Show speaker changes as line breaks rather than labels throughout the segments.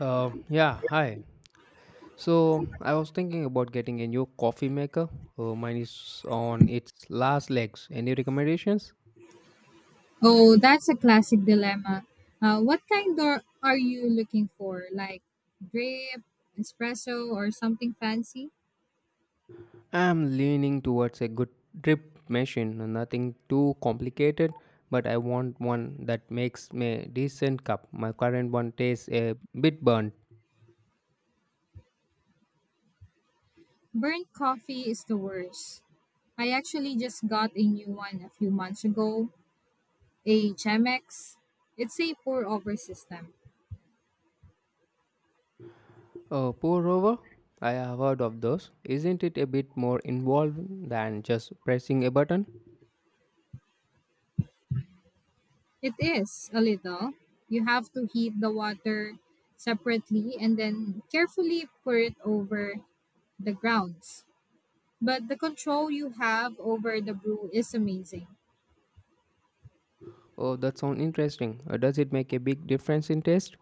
Yeah, hi. So I was thinking about getting a new coffee maker. Mine is on its last legs. Any recommendations?
Oh, that's a classic dilemma. What kind or are you looking for? Like drip, espresso, or something fancy?
I'm leaning towards a good drip machine, nothing too complicated, but I want one that makes me a decent cup. My current one tastes a bit burnt.
Burnt coffee is the worst. I actually just got a new one a few months ago, a Chemex. It's a pour over system.
Pour over? I have heard of those. Isn't it a bit more involved than just pressing a button?
It is a little. You have to heat the water separately and then carefully pour it over the grounds. But the control you have over the brew is amazing.
Oh, that sounds interesting. Does it make a big difference in taste?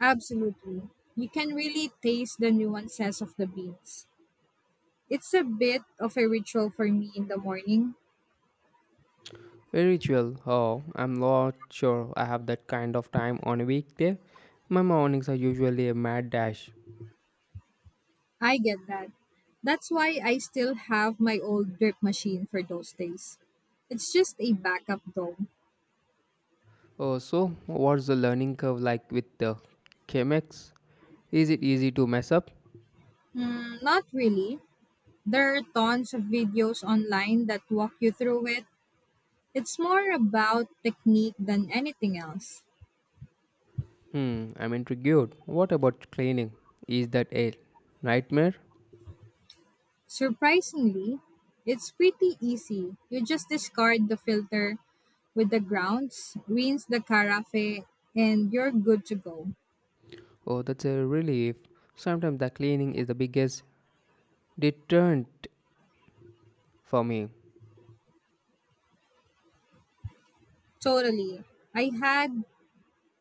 Absolutely. You can really taste the nuances of the beans. It's a bit of a ritual for me in the morning.
A ritual? Oh, I'm not sure I have that kind of time on a weekday. My mornings are usually a mad dash.
I get that. That's why I still have my old drip machine for those days. It's just a backup though.
Oh, so what's the learning curve like with the Chemex? Is it easy to mess up?
Not really. There are tons of videos online that walk you through it. It's more about technique than anything else.
Hmm, I'm intrigued. What about cleaning? Is that a nightmare?
Surprisingly, it's pretty easy. You just discard the filter with the grounds, rinse the carafe, and you're good to go.
Oh, that's a relief. Sometimes the cleaning is the biggest deterrent for me.
Totally. I had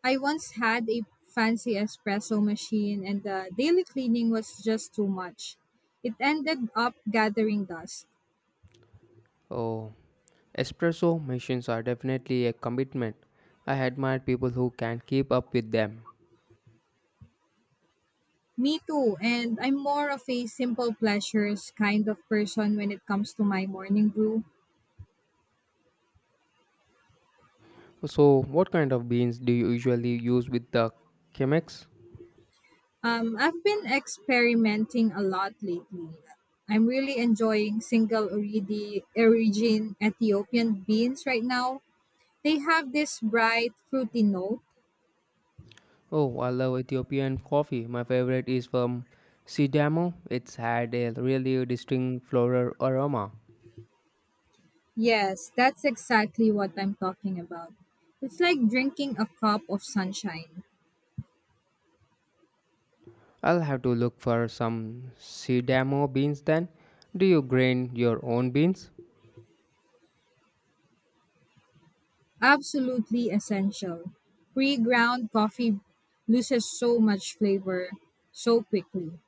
I once had a fancy espresso machine and the daily cleaning was just too much. It ended up gathering dust.
Oh, espresso machines are definitely a commitment. I admire people who can keep up with them.
Me too, and I'm more of a simple pleasures kind of person when it comes to my morning brew.
So, what kind of beans do you usually use with the Chemex?
I've been experimenting a lot lately. I'm really enjoying single origin Ethiopian beans right now. They have this bright, fruity note.
Oh, I love Ethiopian coffee. My favorite is from Sidamo. It's had a really distinct floral aroma.
Yes, that's exactly what I'm talking about. It's like drinking a cup of sunshine.
I'll have to look for some Sidamo beans then. Do you grind your own beans?
Absolutely essential. Pre ground coffee loses so much flavor so quickly.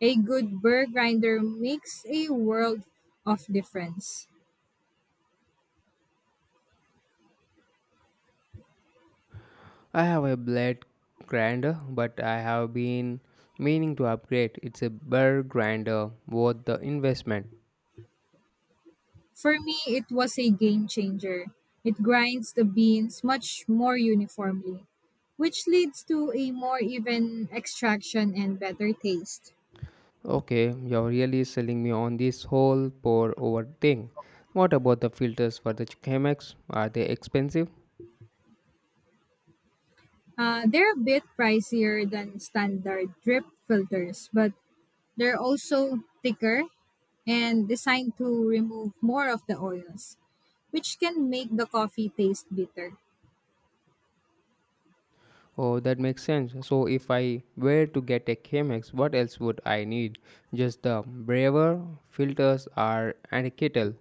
A good burr grinder makes a world of difference.
I have a blade grinder, but I have been meaning to upgrade. It's a burr grinder, worth the investment.
For me, it was a game changer. It grinds the beans much more uniformly, which leads to a more even extraction and better taste.
Okay, you're really selling me on this whole pour over thing. What about the filters for the Chemex? Are they expensive?
They're a bit pricier than standard drip filters, but they're also thicker and designed to remove more of the oils, which can make the coffee taste bitter.
Oh, that makes sense. So, if I were to get a Chemex, what else would I need? Just the braver filters are and a kettle.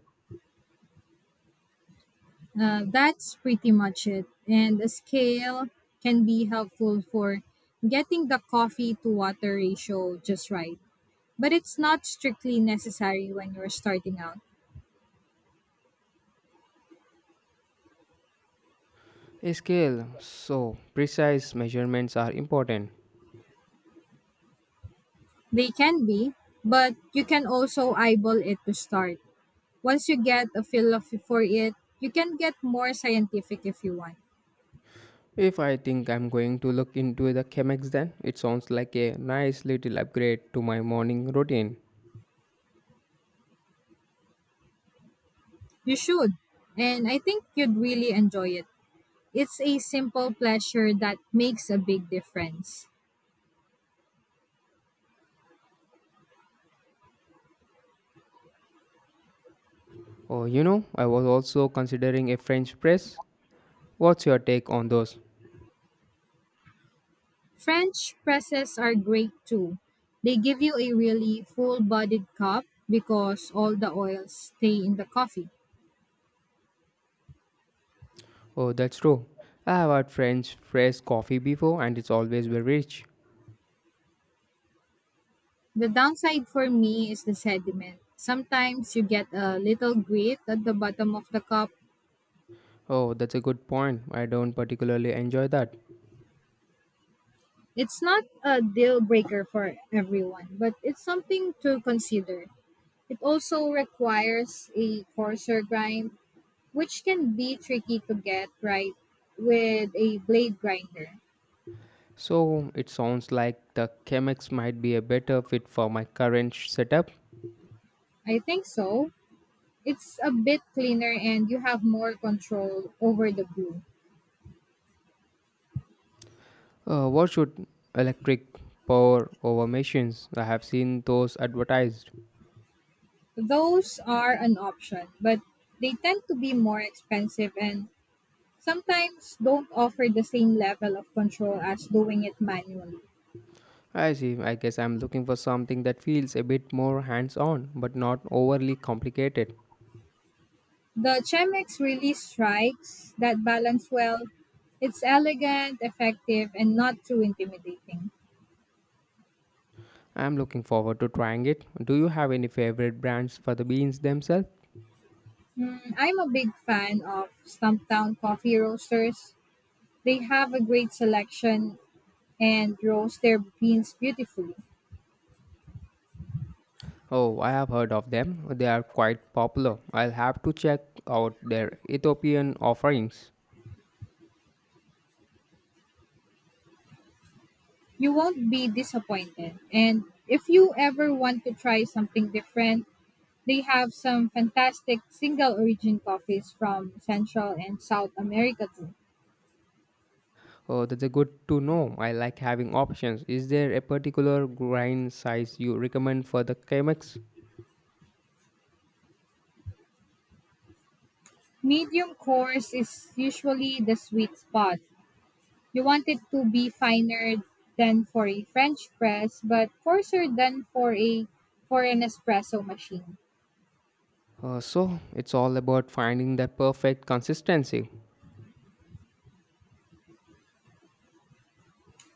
That's pretty much it. And a scale can be helpful for getting the coffee to water ratio just right. But it's not strictly necessary when you're starting out.
A scale. So, precise measurements are important.
They can be, but you can also eyeball it to start. Once you get a feel of for it, you can get more scientific if you want.
If I think I'm going to look into the Chemex, then it sounds like a nice little upgrade to my morning routine.
You should. And I think you'd really enjoy it. It's a simple pleasure that makes a big difference.
Oh, you know, I was also considering a French press. What's your take on those?
French presses are great too. They give you a really full bodied cup because all the oils stay in the coffee.
Oh, that's true. I have had French press coffee before and it's always very rich.
The downside for me is the sediment. Sometimes you get a little grit at the bottom of the cup.
Oh, that's a good point. I don't particularly enjoy that.
It's not a deal breaker for everyone, but it's something to consider. It also requires a coarser grind, which can be tricky to get right with a blade grinder.
So, it sounds like the Chemex might be a better fit for my current setup.
I think so. It's a bit cleaner and you have more control over the glue.
What should electric power over machines? I have seen those advertised.
Those are an option, but they tend to be more expensive and sometimes don't offer the same level of control as doing it manually.
I see. I guess I'm looking for something that feels a bit more hands on but not overly complicated.
The Chemex really strikes that balance well. It's elegant, effective, and not too intimidating.
I'm looking forward to trying it. Do you have any favorite brands for the beans themselves?
I'm a big fan of Stumptown coffee roasters. They have a great selection and roast their beans beautifully.
Oh, I have heard of them. They are quite popular. I'll have to check out their Ethiopian offerings.
You won't be disappointed. And if you ever want to try something different, they have some fantastic single origin coffees from Central and South America too.
Oh, that's a good to know. I like having options. Is there a particular grind size you recommend for the Chemex?
Medium coarse is usually the sweet spot. You want it to be finer than for a French press, but coarser than for an espresso machine.
So, it's all about finding that perfect consistency.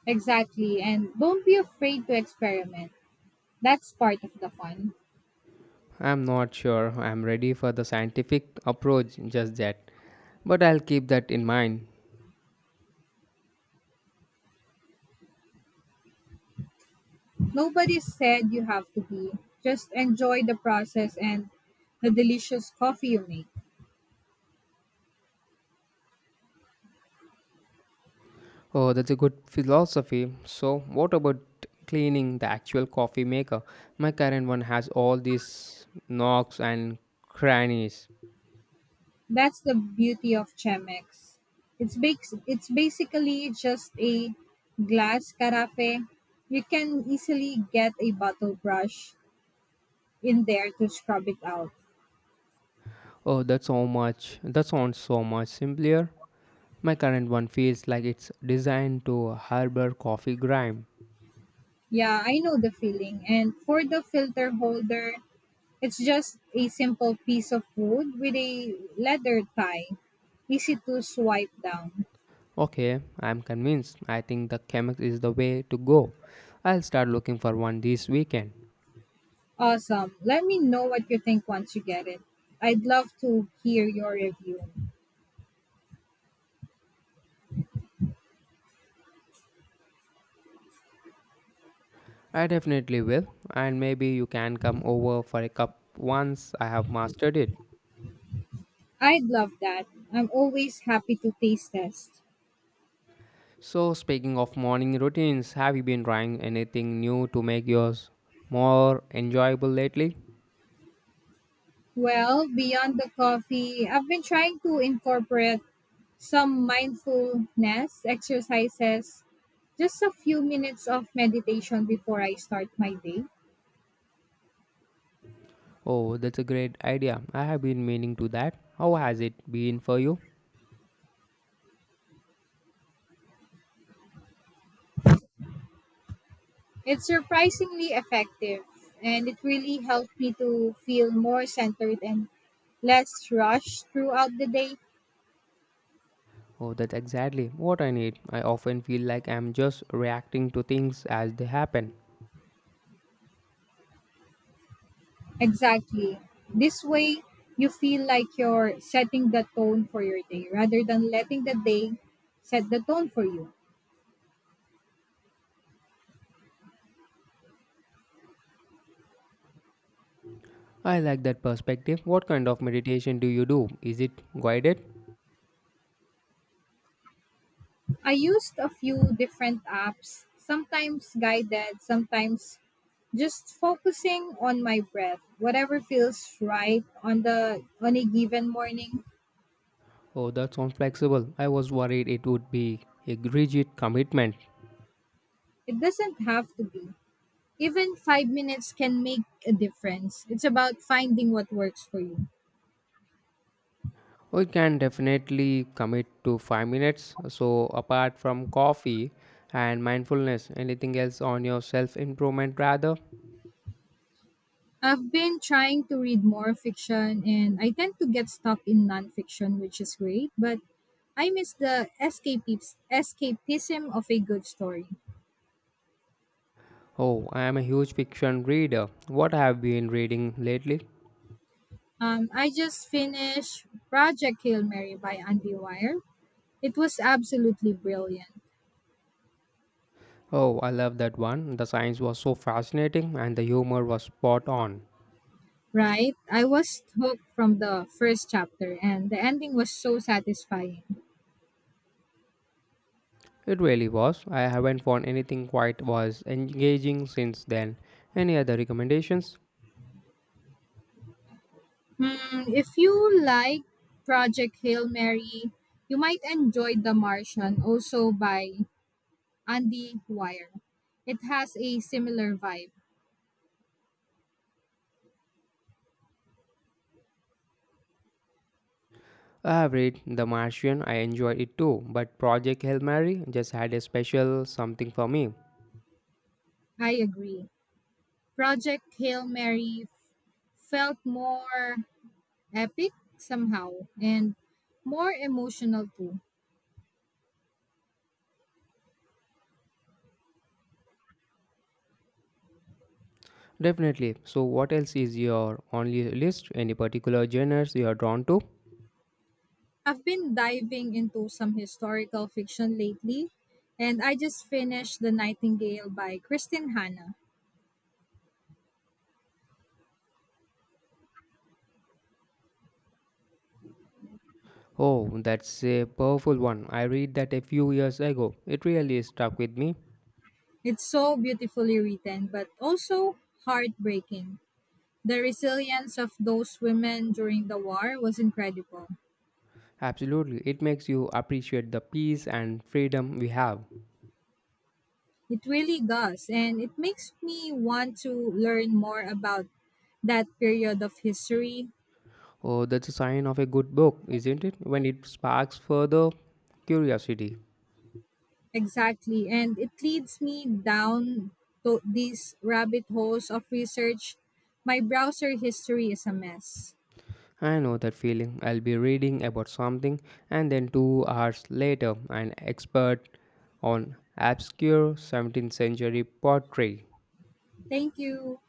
Exactly, and don't be afraid to experiment. That's part of the fun.
I'm not sure I'm ready for the scientific approach just yet, but I'll keep that in mind.
Nobody said you have to be. Just enjoy the process and the delicious coffee you make.
Oh, that's a good philosophy. So, what about cleaning the actual coffee maker? My current one has all these knocks and crannies.
That's the beauty of Chemex. It's basically just a glass carafe. You can easily get a bottle brush in there to scrub it out.
Oh, that's so much. That sounds so much simpler. My current one feels like it's designed to harbor coffee grime.
Yeah, I know the feeling. And for the filter holder, it's just a simple piece of wood with a leather tie, easy to swipe down.
Okay, I'm convinced. I think the Chemex is the way to go. I'll start looking for one this weekend.
Awesome. Let me know what you think once you get it. I'd love to hear your review.
I definitely will, and maybe you can come over for a cup once I have mastered it.
I'd love that. I'm always happy to taste test.
So, speaking of morning routines, have you been trying anything new to make yours more enjoyable lately?
Well, beyond the coffee, I've been trying to incorporate some mindfulness exercises, just a few minutes of meditation before I start my day.
Oh, that's a great idea. I have been meaning to that. How has it been for you?
It's surprisingly effective and it really helped me to feel more centered and less rushed throughout the day.
Oh, that's exactly what I need. I often feel like I'm just reacting to things as they happen.
Exactly. This way, you feel like you're setting the tone for your day rather than letting the day set the tone for you.
I like that perspective. What kind of meditation do you do? Is it guided?
I used a few different apps, sometimes guided, sometimes just focusing on my breath, whatever feels right on a given morning.
Oh, that sounds flexible. I was worried it would be a rigid commitment.
It doesn't have to be. Even 5 minutes can make a difference. It's about finding what works for you.
We can definitely commit to 5 minutes. So, apart from coffee and mindfulness, anything else on your self improvement, rather?
I've been trying to read more fiction and I tend to get stuck in nonfiction, which is great, but I miss the escapism of a good story.
Oh, I am a huge fiction reader. What have you been reading lately?
I just finished Project Hail Mary by Andy Weir. It was absolutely brilliant,
Oh, I love that one. The science was so fascinating and the humor was spot on.
right? I was hooked from the first chapter and the ending was so satisfying.
It really was. I haven't found anything quite was engaging since then. Any other recommendations?
Hmm, if you like Project Hail Mary, you might enjoy The Martian also by and The Wire. It has a similar vibe.
I've read The Martian, I enjoyed it too, but Project Hail Mary just had a special something for me.
I agree. Project Hail Mary felt more epic somehow and more emotional too.
Definitely. So, what else is your only list? Any particular genres you are drawn to?
I've been diving into some historical fiction lately, and I just finished The Nightingale by Kristin Hanna.
Oh, that's a powerful one. I read that a few years ago. It really stuck with me.
It's so beautifully written, but also heartbreaking. The resilience of those women during the war was incredible.
Absolutely. It makes you appreciate the peace and freedom we have.
It really does, and it makes me want to learn more about that period of history.
Oh, that's a sign of a good book, isn't it? When it sparks further curiosity.
Exactly, and it leads me down to these rabbit holes of research. My browser history is a mess.
I know that feeling. I'll be reading about something, and then 2 hours later, an expert on obscure 17th century pottery
Thank you.